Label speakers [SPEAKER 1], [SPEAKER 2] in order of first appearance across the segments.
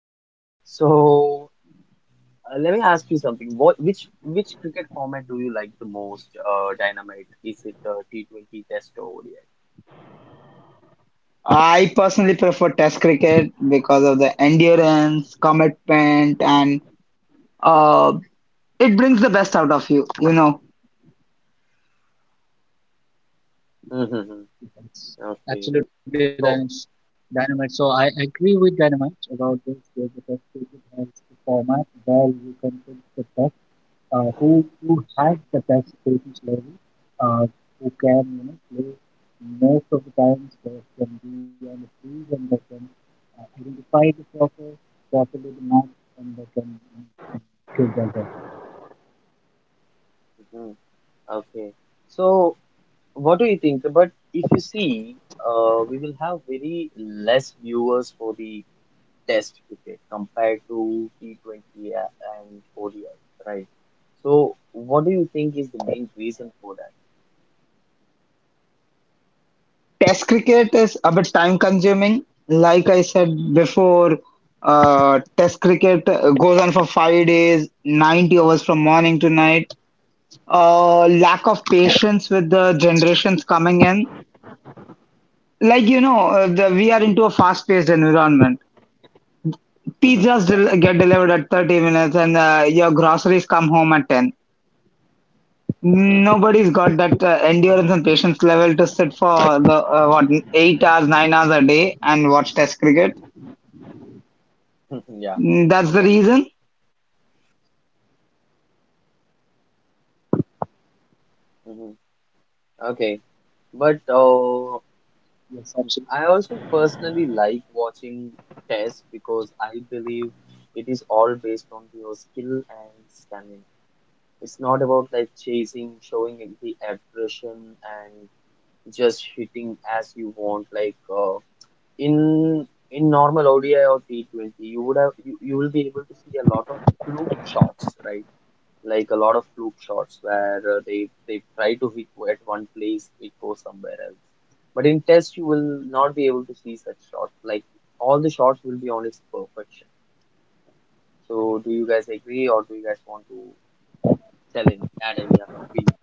[SPEAKER 1] Okay, so let me ask you something. Which cricket format do you like the most, Dynamite? Is it T20 Test or
[SPEAKER 2] I personally prefer Test cricket because of the endurance, commitment, and uh, it brings the best out of you. You know,
[SPEAKER 1] ODI? Okay.
[SPEAKER 3] That's
[SPEAKER 1] So
[SPEAKER 3] absolutely dynas- Dynamite. So I agree with Dynamite about this. Where the best people has the format where you can pick the best, uh, who who has the best patience level, uh, who can play most of the times. They can be on the field and they can identify the proper properly the match and they can uh, give their best.
[SPEAKER 1] mhm. Okay. So, what do you think? But if you see, we will have very less viewers for the Test cricket compared to T20 and ODI, right? So, what do you think is the main reason for that?
[SPEAKER 2] Test cricket is a bit time consuming. Like I said before, Test cricket goes on for 5 days, 90 hours from morning to night. Lack of patience with the generations coming in. Like, you know, we are into a fast-paced environment.
[SPEAKER 1] Hmm,
[SPEAKER 2] Pizzas del
[SPEAKER 1] yeah.
[SPEAKER 2] get delivered at 30 minutes, and your groceries come home at 10.
[SPEAKER 1] Mhm.
[SPEAKER 2] Nobody's got that endurance and patience level to sit for the what 8 hours, 9 hours a day and watch test cricket.
[SPEAKER 1] Yeah,
[SPEAKER 2] Mm, that's the
[SPEAKER 1] it does.
[SPEAKER 2] reason.
[SPEAKER 1] Mhm. Okay. But
[SPEAKER 3] Yes, absolutely.
[SPEAKER 1] I also personally like watching chess because I believe it is all based on your skill and stamina. It's not about like chasing, showing the aggression and just hitting as you want. Like in in normal ODI or T20, you would you will be able to see a lot of fluke shots, right? Like a lot of fluke shots where they try to hit at one place, it goes somewhere else. But in test, you will not be able to see such shots. Like all the shots will be on its perfection. So, do you guys agree, or do you guys want to tell in add any other opinion?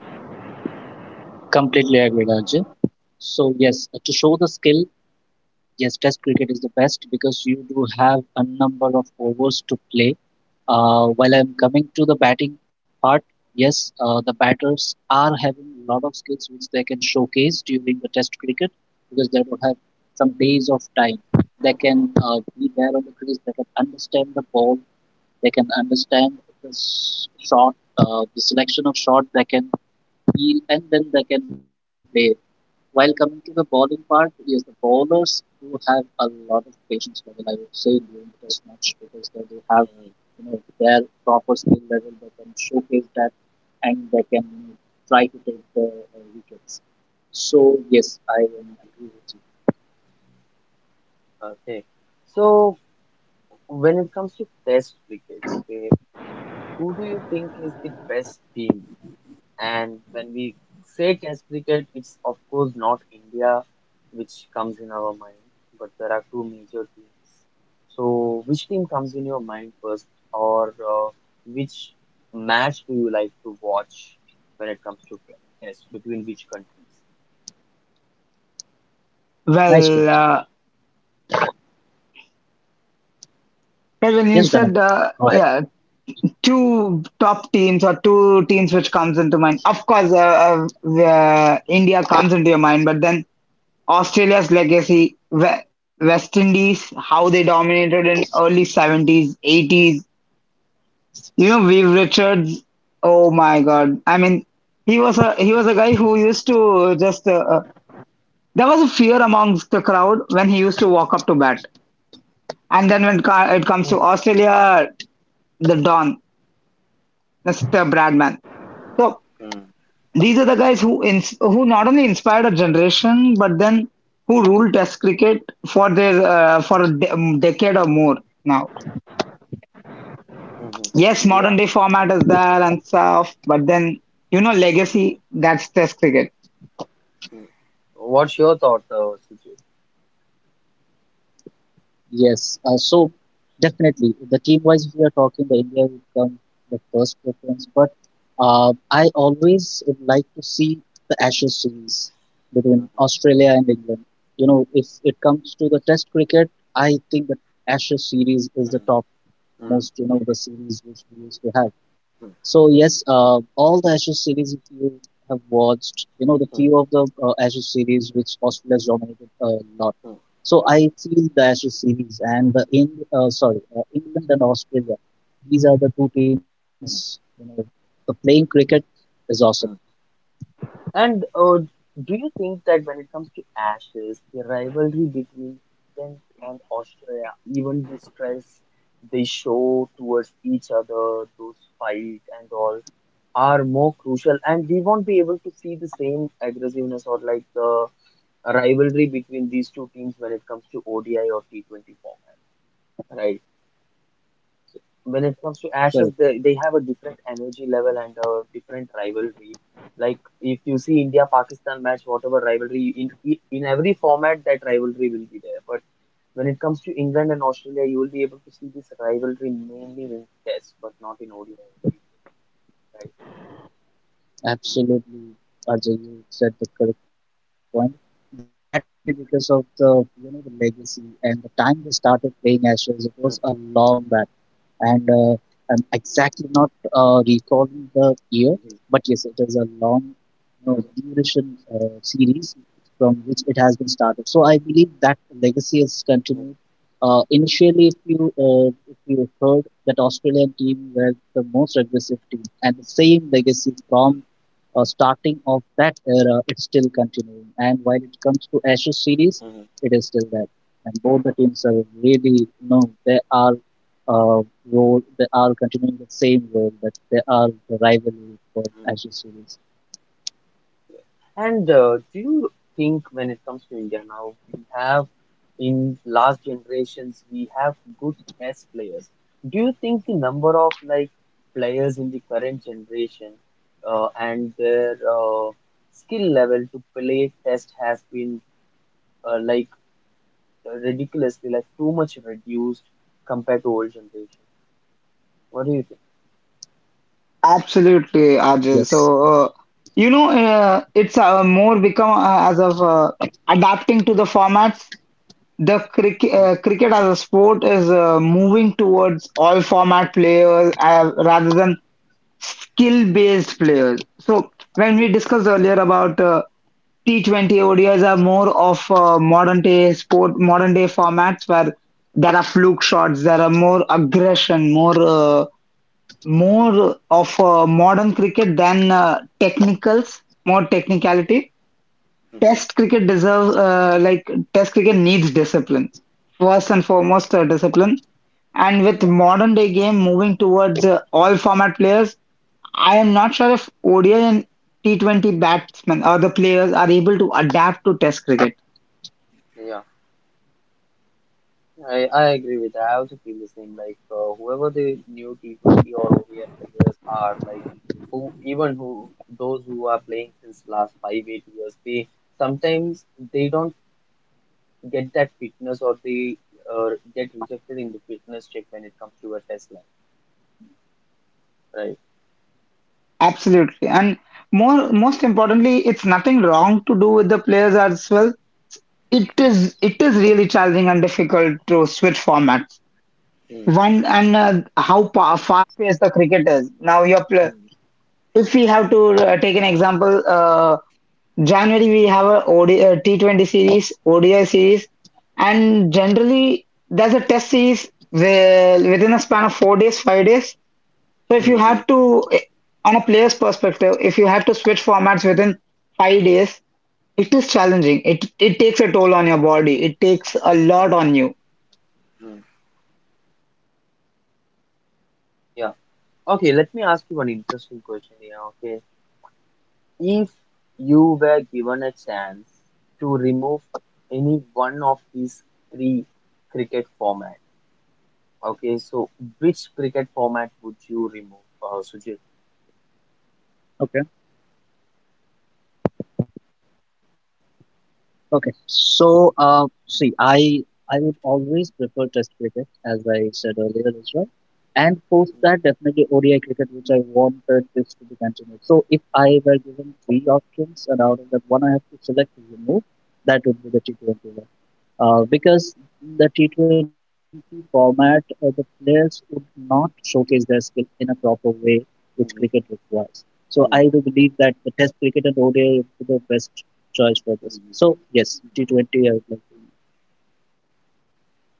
[SPEAKER 3] Completely agree, Arjun. So yes, to show the skill yes, Test cricket is the best because you do have a number of overs to play. While I'm coming to the batting part, yes, the batters are having a lot of skills which they can showcase during the Test cricket because they do have some days of time. They can be there on the crease. They can understand the ball. They can understand shot, the selection of shot. They can feel, and then they can play. While coming to the bowling part, yes, the bowlers do have a lot of patience level. I would say during the test match because they do have,
[SPEAKER 1] Mhm,
[SPEAKER 3] their proper skill level. They can showcase that, and they can try to take the wickets. So yes, I am agree with you.
[SPEAKER 1] mhm. Okay. So, when it comes to test cricket, okay, who do you think is the best team? And when we say Test cricket, it's of course not India which comes in our mind, but there are two major teams. So, which team comes in your mind first, or which match do you like to watch when it comes to Test between which countries?
[SPEAKER 2] well uh,
[SPEAKER 3] Nice question.
[SPEAKER 2] well, when you said
[SPEAKER 3] Yes, Dynamic.
[SPEAKER 2] yeah,
[SPEAKER 3] Go ahead.
[SPEAKER 2] two top teams or two teams which comes into mind, of course, India comes into your mind, but then Australia's legacy, West Indies, how they dominated in early 70s, 80s. You know, Viv Richards. Oh my God. I mean, he was a guy who used to just, there was a fear amongst the crowd when he used to walk up to bat. And then it comes to Australia, the Don, Mr. Bradman. So
[SPEAKER 1] Mhm.
[SPEAKER 2] these are the guys who not only inspired a generation, but then who ruled Test cricket for their for a de decade or more now.
[SPEAKER 1] Mhm.
[SPEAKER 2] Yes, modern
[SPEAKER 1] Yeah.
[SPEAKER 2] day format is there and stuff, but then legacy, that's Test cricket.
[SPEAKER 1] Mhm. What's your thought, Sujit?
[SPEAKER 3] Yes, so definitely the team wise, if we are talking, the India would come the first preference. But I always would like to see the Ashes series between
[SPEAKER 1] Mhm.
[SPEAKER 3] Australia and England. You know, if it comes to the Test cricket, I think that Ashes series is the top
[SPEAKER 1] Mhm.
[SPEAKER 3] most, you know, the series which we used to have.
[SPEAKER 1] Mhm.
[SPEAKER 3] So yes, all the Ashes series if you have watched, you know the
[SPEAKER 1] Mhm.
[SPEAKER 3] few of the Ashes series which Australia has dominated a lot. So I feel the Ashes series and the in sorry, England and Australia, these are the two teams. You
[SPEAKER 1] Mhm.
[SPEAKER 3] know, the playing cricket is awesome.
[SPEAKER 1] Mhm. And do you think that when it comes to Ashes, the rivalry between England and Australia, even the stress they show towards each other, those fight and all, are more crucial, and we won't be able to see the same aggressiveness or like the rivalry between these two teams when it comes to ODI or T20 format, right? When it comes to Ashes,
[SPEAKER 3] Correct,
[SPEAKER 1] they have a different energy level and a different rivalry. Like if you see India Pakistan match, whatever rivalry in every format, that rivalry will be there. But when it comes to England and Australia, you will be able to see this rivalry mainly in Test, but not in ODI, right?
[SPEAKER 3] absolutely, Ajay, you said the correct point. That is maybe because of the, you know, the legacy and the time they started playing Ashes. It
[SPEAKER 1] Mm,
[SPEAKER 3] was a long back and I'm exactly not recalling the year,
[SPEAKER 1] mhm,
[SPEAKER 3] but yes, it is a long, you know, duration series from which it has been started. So I believe that legacy is
[SPEAKER 1] mm,
[SPEAKER 3] continued. Initially, if you heard that Australian team were the most aggressive team, and the same legacy
[SPEAKER 1] mm,
[SPEAKER 3] from starting of that era, it's still continuing. And while it comes to Ashes series, it is still there. And both the teams are really, you know, they are uh, role. They are continuing the same role, but they are the rivalry for
[SPEAKER 1] mhm.
[SPEAKER 3] Ashes series.
[SPEAKER 1] And do you think when it comes to India now, we have in last generations we have good chess players. Do you think the number of like players in the current generation and their skill level to play test has been like ridiculously like too much reduced compared to old generation? What do you think?
[SPEAKER 2] Absolutely, Ajay.
[SPEAKER 3] Yes.
[SPEAKER 2] So uh, it's more become, as of adapting to the formats. The
[SPEAKER 1] Mm-hmm.
[SPEAKER 2] cricket as a sport is moving towards all format players, rather than skill-based players. So when we discussed earlier about T20, ODIs are more of modern day sport, modern day formats where there are fluke shots, there are more aggression, more of modern cricket than technicals, more
[SPEAKER 1] Mm-hmm.
[SPEAKER 2] technicality. Test cricket deserves, like Test cricket needs discipline, first and foremost, discipline. And with modern day game moving towards all format players, I am not sure if ODI and T20 batsmen or the players are able to adapt to Test cricket.
[SPEAKER 1] I agree with that. I also feel the same. Like whoever the new T20 or ODI players are, like who those who are playing since last 5-8 years, sometimes they don't get that fitness or they get rejected in the fitness check when it comes to a test lab, right?
[SPEAKER 2] Absolutely. And most importantly, it's nothing wrong to do with the players as well. It
[SPEAKER 1] Mhm.
[SPEAKER 2] is it is really challenging and difficult to switch formats.
[SPEAKER 1] Mm.
[SPEAKER 2] One, and fast paced the cricket is. Now your play. If we have to, take an example, January we have a T20 series, ODI series, and generally there's a test series where within a span of 4 days, 5 days. So if
[SPEAKER 1] Mhm.
[SPEAKER 2] you
[SPEAKER 1] Mhm.
[SPEAKER 2] have to, eh, on a player's perspective, if you have to switch formats within 5 days, it is challenging. It takes a toll on your body. It takes a
[SPEAKER 1] Yeah.
[SPEAKER 2] lot on you.
[SPEAKER 1] Mm. Yeah. Okay. Let me ask you one interesting question here. Okay. If you were given a chance to remove any one of these three cricket format, okay, so which cricket format would you remove, Sujit?
[SPEAKER 3] Okay. Okay. So, see, I would always prefer Test cricket, as I said earlier as well. And post
[SPEAKER 1] Mm,
[SPEAKER 3] that, definitely ODI cricket, which I wanted this to be continued. So, if I were given three options, and out of that one I have to select to remove, that would be the T20. Because the T20 format, the players would not showcase their skill in a proper way which cricket
[SPEAKER 1] mhm,
[SPEAKER 3] requires. So I do
[SPEAKER 1] mhm,
[SPEAKER 3] believe that the Test cricket and ODI is the best choice for this.
[SPEAKER 1] mhm.
[SPEAKER 3] So yes, T20 I would like to.
[SPEAKER 1] Okay.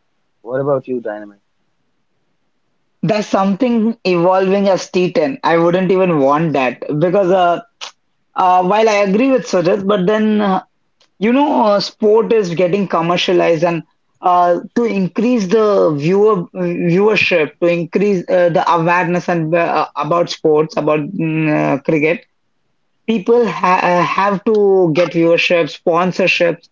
[SPEAKER 1] What about you, Dynamite?
[SPEAKER 2] There's something evolving as T10. I wouldn't even want that because, while I agree with Sujit, but then, sport is getting commercialized, and to increase the viewership, to increase the awareness, and about sports, about cricket, people ha have to get viewership, sponsorships,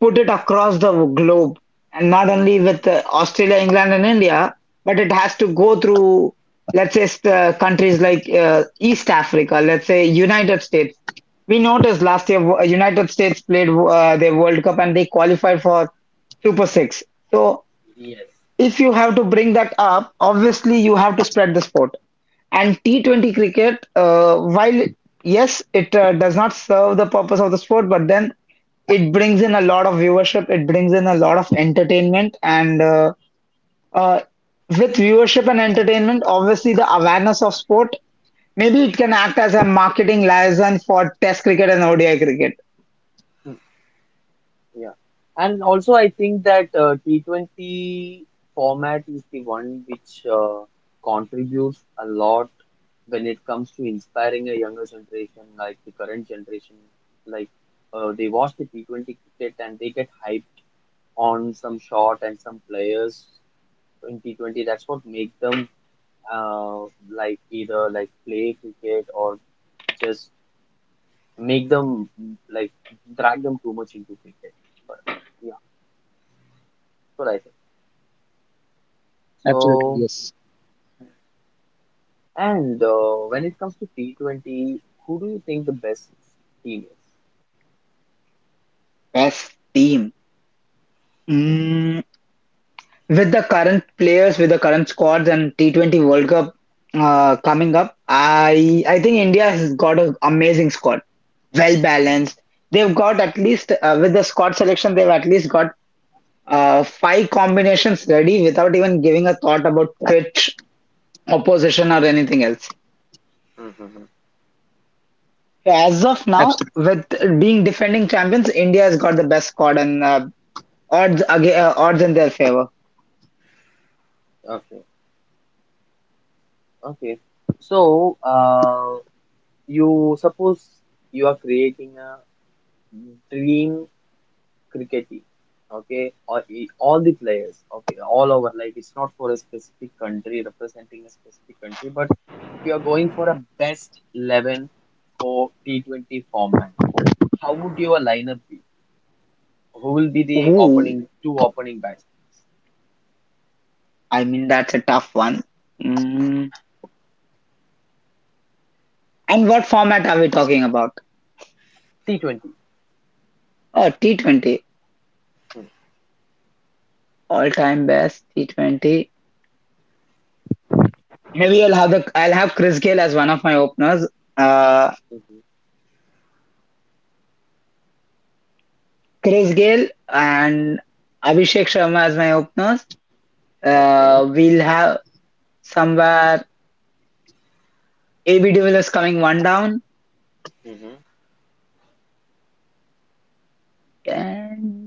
[SPEAKER 2] put it across the globe, and not only with Australia, England, and India, but it has to go through, let's say, countries like, East Africa, let's say, United States. We noticed last year United States played their World Cup, and they qualified for Super Six. So
[SPEAKER 1] Yes.
[SPEAKER 2] if you have to bring that up, obviously you have to spread the sport. And T20 cricket, while yes, it does not serve the purpose of the sport, but then it brings in a lot of viewership, it brings in a lot of entertainment, and uh, with viewership and entertainment, obviously the awareness of sport, maybe it can act as a marketing liaison for Test cricket and ODI cricket.
[SPEAKER 1] Hmm, yeah. And also, I think that T20 format is the one which contributes a lot when it comes to inspiring a younger generation, like the current generation, like they watch the T20 cricket and they get hyped on some shot and some players in T20. That's what make them uh, like either like play cricket or just make them like drag them too much into cricket. But yeah, that's what I think.
[SPEAKER 3] Absolutely,
[SPEAKER 1] So,
[SPEAKER 3] yes,
[SPEAKER 1] and when it comes to T20, who do you think the best team is?
[SPEAKER 2] Best team.
[SPEAKER 1] Hmm.
[SPEAKER 2] Mm, with the current players, with the current squads and T20 World Cup coming up, I think India has got an amazing squad, well balanced. They've got at least with the squad selection, they've at least got five combinations ready without even giving a thought about pitch, opposition, or anything else.
[SPEAKER 1] Hmm.
[SPEAKER 2] So, as of now,
[SPEAKER 3] absolutely.
[SPEAKER 2] with being defending champions, India has got the best squad and odds in their favor.
[SPEAKER 1] Okay. Okay. So, you suppose you are creating a dream cricket team, okay? Or all the players, okay, all over. Like it's not for a specific country representing a specific country, but if you are going for a best 11 for T20 format, how would your lineup be? Who will be the
[SPEAKER 2] Ooh,
[SPEAKER 1] opening two opening batsmen?
[SPEAKER 2] I mean that's a tough one. Mm. And what format are we talking about?
[SPEAKER 1] T20.
[SPEAKER 2] Oh, T20, all-time best T20. Maybe I'll have Chris Gayle as one of my openers. Uh,
[SPEAKER 1] Mm-hmm.
[SPEAKER 2] Chris Gayle and Abhishek Sharma as my openers.
[SPEAKER 1] Okay.
[SPEAKER 2] We'll have somewhere AB de Villiers coming one down,
[SPEAKER 1] Mm-hmm.
[SPEAKER 2] and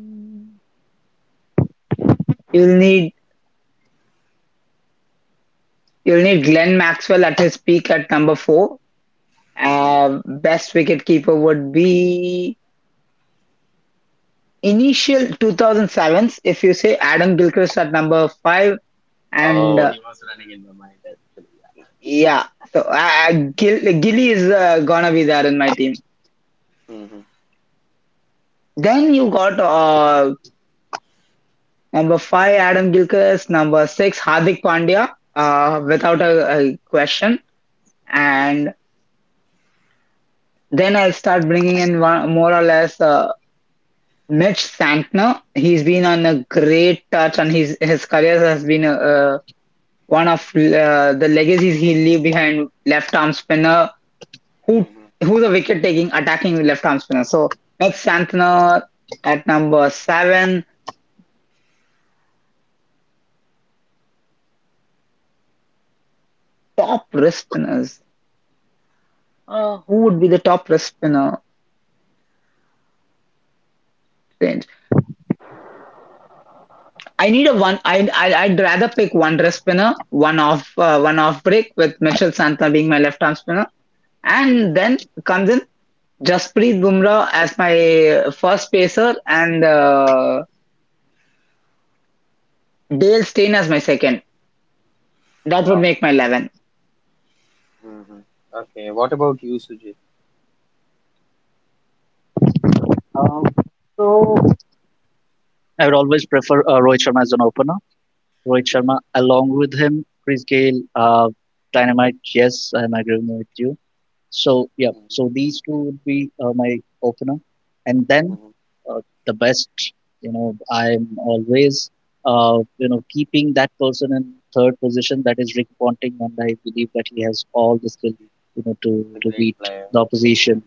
[SPEAKER 2] you'll need you'll need Glenn Maxwell at his peak at number four.
[SPEAKER 1] Mm-hmm.
[SPEAKER 2] Best wicketkeeper would be initial 2007s. If you say Adam Gilchrist at number five, and
[SPEAKER 1] Oh, he was running in my mind actually.
[SPEAKER 2] yeah, so Gilly is gonna be there in my team.
[SPEAKER 1] Yeah.
[SPEAKER 2] Then you got. Number five, Adam Gilchrist. Number six, Hardik Pandya, without
[SPEAKER 1] Mm-hmm.
[SPEAKER 2] a question.
[SPEAKER 1] Mm-hmm.
[SPEAKER 2] And then I'll start bringing in one, more or less, Mitch Santner. He's been on a great touch, and his career has been one of the legacies he leave behind. Left arm spinner who
[SPEAKER 1] Mm-hmm.
[SPEAKER 2] who's a wicket taking attacking left arm spinner. So Mitch Santner at number seven. Top wrist spinners. Who would be the top wrist spinner? I need a one. I'd rather pick one dress spinner, one off break with Mitchell Santana being my left arm spinner, and
[SPEAKER 1] Mm-hmm.
[SPEAKER 2] then comes in Jasprit Bumrah as my first pacer and Dale Steyn as my second. That would
[SPEAKER 1] Oh,
[SPEAKER 2] make my 11.
[SPEAKER 1] mm-hmm, okay. What about you, Sujit?
[SPEAKER 3] Um, so I would always prefer Rohit Sharma as an opener. Rohit Sharma,
[SPEAKER 1] Mm-hmm.
[SPEAKER 3] along with him, Chris Gayle, Dynamite. Yes, I'm agreeing with you. So yeah,
[SPEAKER 1] Mm-hmm.
[SPEAKER 3] so these two would be my opener, and then
[SPEAKER 1] Mm-hmm.
[SPEAKER 3] uh, the best. You know, I'm always you know, keeping that person in third position. That is Rick Ponting, and I believe that he has all the skill, you know,
[SPEAKER 1] The
[SPEAKER 3] to
[SPEAKER 1] great
[SPEAKER 3] beat
[SPEAKER 1] player?
[SPEAKER 3] the opposition.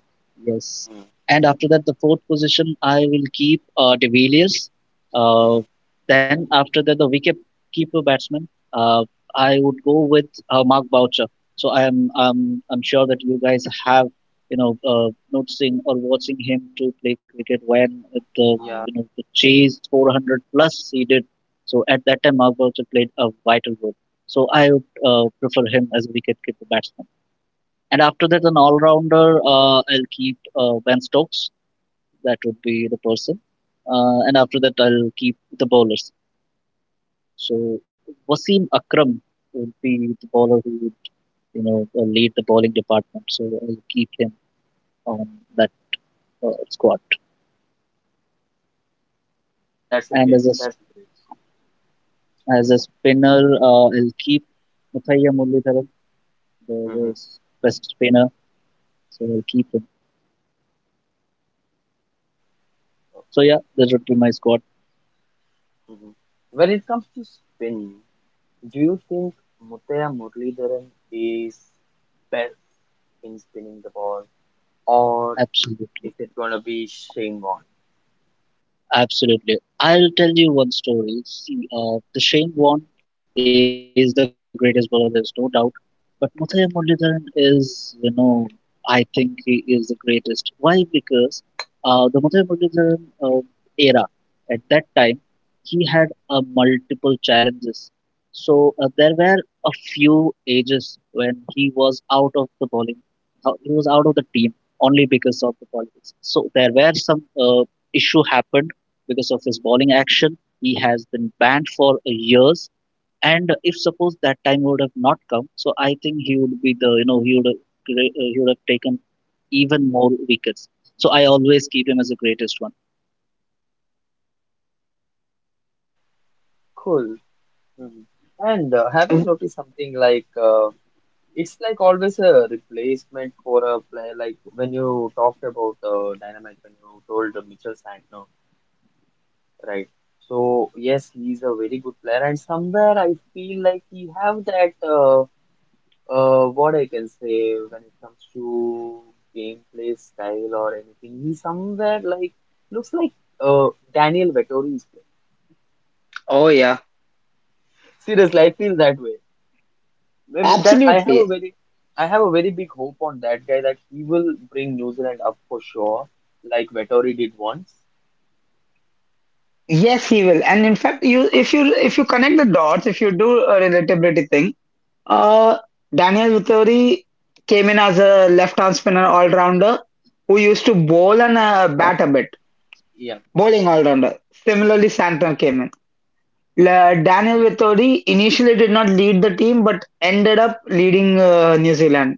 [SPEAKER 3] Yes, and after that, the fourth position I will keep De Villiers. Uh,
[SPEAKER 1] Mm-hmm.
[SPEAKER 3] then after that, the wicket keeper batsman. I would go with Mark Boucher. So I am I'm sure that you guys have, noticing or watching him to play cricket when at the,
[SPEAKER 1] Yeah,
[SPEAKER 3] you know, the chase 400 plus he did. So at that time Mark Boucher played a vital role. So I would prefer him as a wicketkeeper batsman. And after that, an all-rounder, I'll keep Ben Stokes. That would be the person. And after that, I'll keep the bowlers. So Wasim Akram would be the bowler who, you know, lead the bowling department. So I'll keep him on that squad.
[SPEAKER 1] that's a
[SPEAKER 3] And
[SPEAKER 1] great.
[SPEAKER 3] as
[SPEAKER 1] That's a great.
[SPEAKER 3] as a spinner, I'll keep Muthaiya Muralidharan,
[SPEAKER 1] Mm-hmm.
[SPEAKER 3] the best spinner. So I'll keep him. So
[SPEAKER 1] Okay.
[SPEAKER 3] yeah, that would be my squad.
[SPEAKER 1] Mm-hmm. When it comes to spin, do you think Mutaya Muralidharan is best in spinning the ball, or
[SPEAKER 3] Absolutely.
[SPEAKER 1] is it gonna be Shane Warne?
[SPEAKER 3] Absolutely. I'll tell you one story. See, the Shane Warne is the greatest bowler, there's no doubt. But Muthiah Muralidharan is, you know, I think he is the greatest. Why? Because the Muthiah Muralidharan era, at that time, he had multiple challenges. So there were a few ages when he was out of the bowling. He was out of the team only because of the politics. So there were some issue happened because of his bowling action. He has been banned for years. And if suppose that time would have not come, so I think he would be the, you know, he would have taken even more wickets. So I always keep him as the greatest one.
[SPEAKER 1] Cool. Mm-hmm. And have you noticed something like? It's like always a replacement for a player. Like when you talked about Dynamite, when you told Mitchell Santner, right? So yes, he's a very good player, and somewhere I feel like he have that what I can say when it comes to gameplay style or anything. He somewhere like looks like uh, Daniel Vettori is playing.
[SPEAKER 2] Oh yeah,
[SPEAKER 1] Seriously, I feel that way. Maybe that
[SPEAKER 2] absolutely.
[SPEAKER 1] I have a very big hope on that guy that he will bring New Zealand up for sure, like Vettori did once.
[SPEAKER 2] Yes, he will. And in fact, you if you if you connect the dots, if you do a relatability thing, Uh, Daniel Vittori came in as a left-arm spinner all-rounder who used to bowl and bat a bit,
[SPEAKER 1] Yeah,
[SPEAKER 2] bowling all-rounder. Similarly, Santon came in. Daniel Vittori initially did not lead the team but ended up leading New Zealand.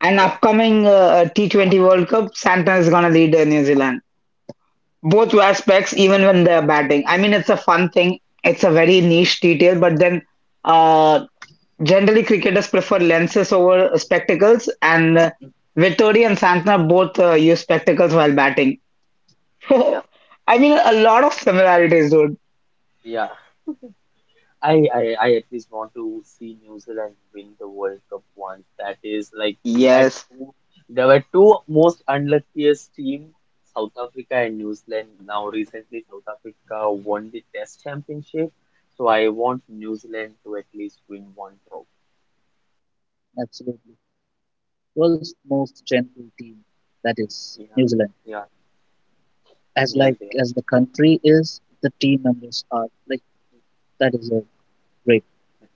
[SPEAKER 2] And
[SPEAKER 1] yeah,
[SPEAKER 2] upcoming, T20 World Cup, Santon is going to lead New Zealand. Both aspects, even when they're batting. I mean, it's a fun thing. It's a very
[SPEAKER 1] mm,
[SPEAKER 2] niche detail, but then, uh, generally, cricketers prefer lenses over spectacles, and Vittori and Santner both use spectacles while batting.
[SPEAKER 1] yeah,
[SPEAKER 2] I mean, a lot of similarities, dude.
[SPEAKER 1] yeah. I at least want to see New Zealand win the World Cup once. That is like we had
[SPEAKER 2] Yes.
[SPEAKER 1] two there were two most unluckiest team, South Africa and New Zealand. Now recently South Africa won the Test Championship, so I want New Zealand to at least win one trophy.
[SPEAKER 3] Absolutely, world's most gentle team, that is
[SPEAKER 1] Yeah,
[SPEAKER 3] New Zealand.
[SPEAKER 1] yeah,
[SPEAKER 3] As like
[SPEAKER 1] yes,
[SPEAKER 3] as the country is, the team members are like that is a great.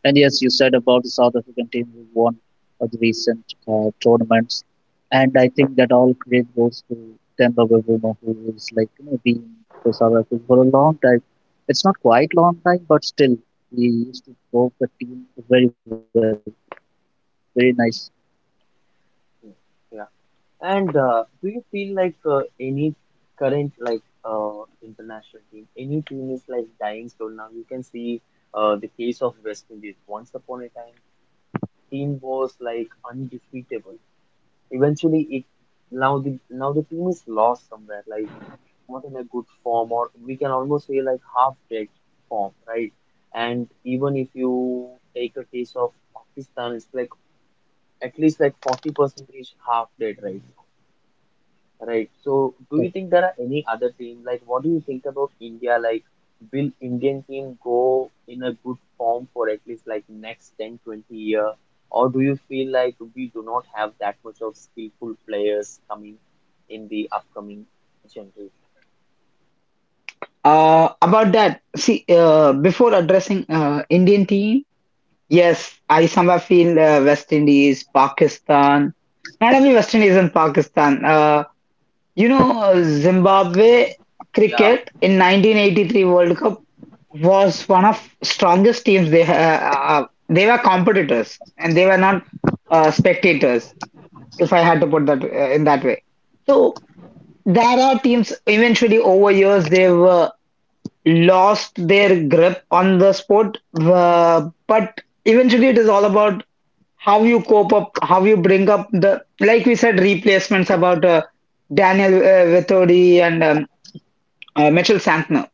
[SPEAKER 3] And yes, you said about the South African team who won the recent tournaments, and I think that all credit goes to Themba Bavuma, who is, like, you know, been for South Africa for a long time. It's not quite long time, but still he used to grow the team very well, very nice.
[SPEAKER 1] yeah. And do you feel like any current like international team, any team is like dying slow now? You can see the case of West Indies. Once upon a time, team was like undefeatable. Eventually, it now the team is lost somewhere, like not in a good form, or we can almost say like half-dead form, right? And even if you take a case of Pakistan, it's like at least like 40 percentage half-dead right now.
[SPEAKER 3] Uh,
[SPEAKER 1] Right. So, do you think there are any other team? Like, what do you think about India? Like, will Indian team go in a good form for at least like next 10-20 year? Or do you feel like we do not have that much of skillful players coming in the upcoming generation?
[SPEAKER 2] About that, see, before addressing Indian team, yes, I somehow feel West Indies, Pakistan, not only West Indies and Pakistan. Zimbabwe
[SPEAKER 1] Yeah.
[SPEAKER 2] cricket in 1983 World Cup was one of strongest teams. They were competitors and they were not spectators.
[SPEAKER 1] Mm.
[SPEAKER 2] If I had to put that in that way, so there are teams eventually over years they were lost their grip on the sport. But eventually, it is all about how you cope up, how you bring up the, like we said, replacements about Daniel Vettori and Mitchell Santner.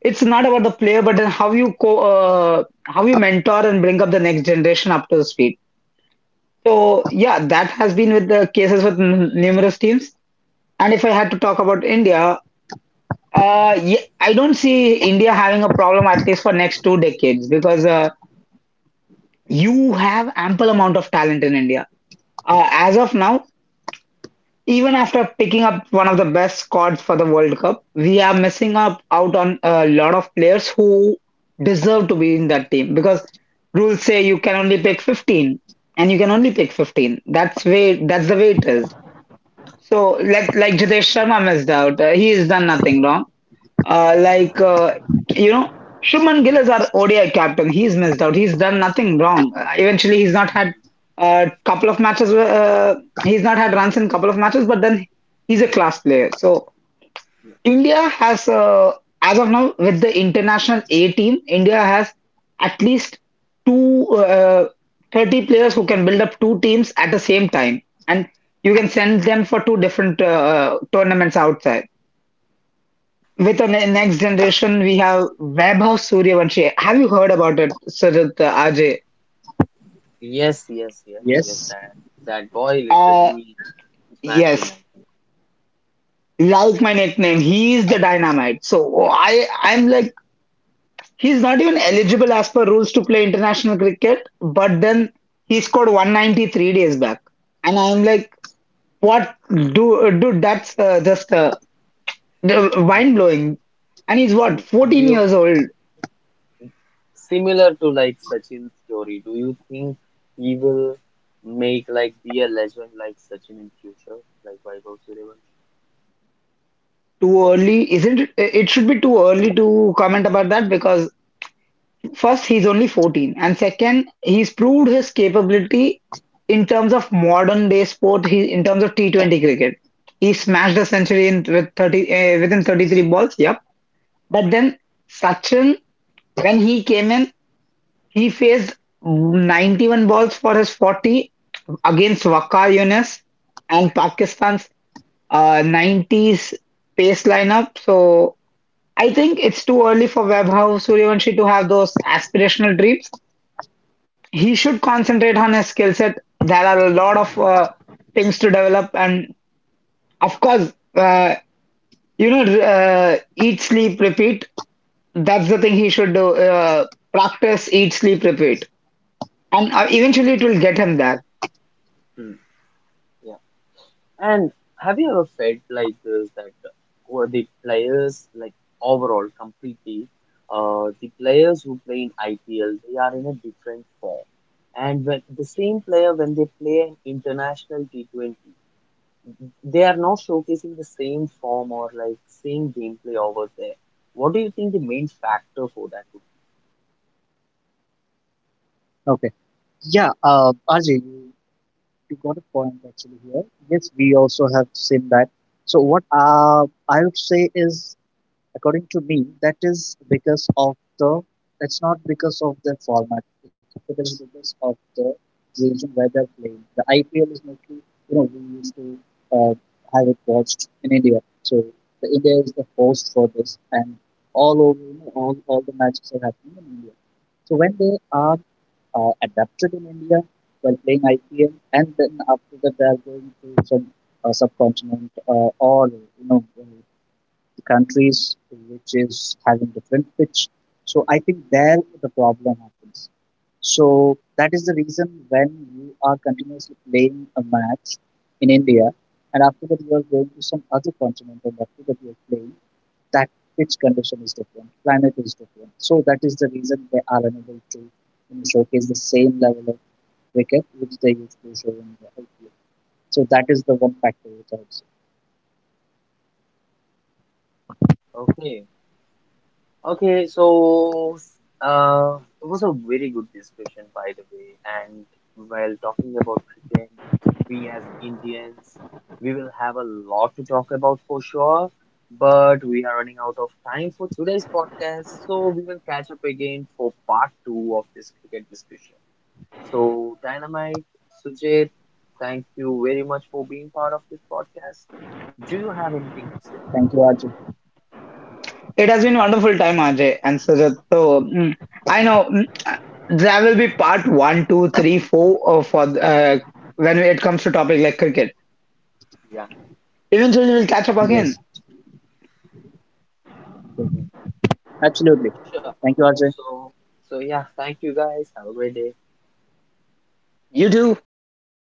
[SPEAKER 2] It's not about the player, but then how you mentor and bring up the next generation up to the speed. So yeah, that has been with the cases with numerous teams. And if I had to talk about India, yeah, I don't see India having a problem at least for next 2 decades because you have ample amount of talent in India. As of now, even after picking up one of the best squads for the World Cup, we are missing up out on a lot of players who deserve to be in that team because rules say you can only
[SPEAKER 1] Yeah.
[SPEAKER 2] pick 15, and you can only pick 15. That's the way it is. So like Jitesh Sharma missed out. He has done nothing wrong. Like, you know, Shubman Gill is our ODI captain. He's missed out. He's done nothing wrong. Eventually, he's not had a couple of matches. He's not had runs in couple of matches, but then he's a
[SPEAKER 1] Mhm.
[SPEAKER 2] class player. So
[SPEAKER 1] Yeah.
[SPEAKER 2] India has, as of now, with the international A team, India has at least two 30 players who can build up two teams at the same time, and you can send them for two different tournaments outside.
[SPEAKER 1] Hmm.
[SPEAKER 2] With the next
[SPEAKER 1] Yeah.
[SPEAKER 2] generation, we have Vaibhav Suryavanshi. Have you heard about it, Sajid Ajay?
[SPEAKER 1] Yes, yes, yes, yes.
[SPEAKER 3] Yes.
[SPEAKER 1] That that boy
[SPEAKER 2] Uh,
[SPEAKER 1] literally smashed in
[SPEAKER 2] yes.
[SPEAKER 1] 19.
[SPEAKER 2] Like my nickname, he is the dynamite. So I'm like, he's not even eligible as per rules to play international cricket. But then he scored 193 days back, and I'm like, what, do, dude? That's just mind blowing. And he's
[SPEAKER 1] Hmm.
[SPEAKER 2] what,
[SPEAKER 1] Do
[SPEAKER 2] 14
[SPEAKER 1] you
[SPEAKER 2] years old?
[SPEAKER 1] Similar to like Sachin's story, do you think he will make like be a legend like Sachin in future, like Vaibhav Suryavanshi?
[SPEAKER 2] Too early? Isn't it? It should be too early to comment about that because first, he's only 14, and second, he's proved his capability in terms of modern day sport. He in terms of T20 cricket, he smashed a century in, within 33 balls. Yep. But then Sachin, when he came in, he faced 91 balls for his 40 against Waqar Yunus and Pakistan's 90s pace lineup. So I think it's too early for Vaibhav Suryavanshi to have those aspirational dreams. He should concentrate on his skill set. There are a lot of things to develop, and of course, eat, sleep, repeat. That's the thing he should do. Practice, eat, sleep, repeat, and eventually it will get him there.
[SPEAKER 1] Mhm. Yeah. And have you ever felt like this that who the players like overall completely the players who play in IPL they are in a different form. And when the same player when they play in international T20 they are not showcasing the same form or like same gameplay over there. What do you think the main factor for that
[SPEAKER 3] Okay. Yeah. Ajay, you got a point actually here. Yes, we also have seen that. So what I would say is, according to me, that is because of the, that's not because of the format. It is because of the region where they're playing. The IPL is mostly, you know, we used to uh, have it watched in India. So the India is the host for this, and all over, you know, all the matches are happening in India. So when they are adapted in India while playing IPL, and then after that they are going to some subcontinent or, you know, countries which is having different pitch. So I think there the problem happens. So that is the reason when you are continuously playing a match in India and after that you are going to some other continent and after that you are playing, that pitch condition is different, climate is different. So that is the reason they are unable to, you know, showcase the same level of cricket which they used to show in the IPL. So that is the one factor which I would say.
[SPEAKER 1] would be? Okay, okay, so it was a very good discussion by the way. And while talking about cricket, we as Indians, we will have a lot to talk about for sure. But we are running out of time for today's podcast, so we will catch up again for part two of this cricket discussion. So, Dynamite, Sujit, thank you very much for being part of this podcast. Do you have anything to say?
[SPEAKER 3] Thank you, Arjun.
[SPEAKER 2] It has been wonderful time, Ajay and Sujat. So, I know, there will be part one, two, three, four, for, when it comes to topic like cricket.
[SPEAKER 1] Yeah.
[SPEAKER 2] Eventually, we'll catch up
[SPEAKER 3] Yes.
[SPEAKER 2] again.
[SPEAKER 3] Absolutely.
[SPEAKER 1] Sure.
[SPEAKER 3] Thank you, Ajay.
[SPEAKER 1] So, so yeah, thank you guys. Have a great day.
[SPEAKER 2] You do.
[SPEAKER 3] Thank you.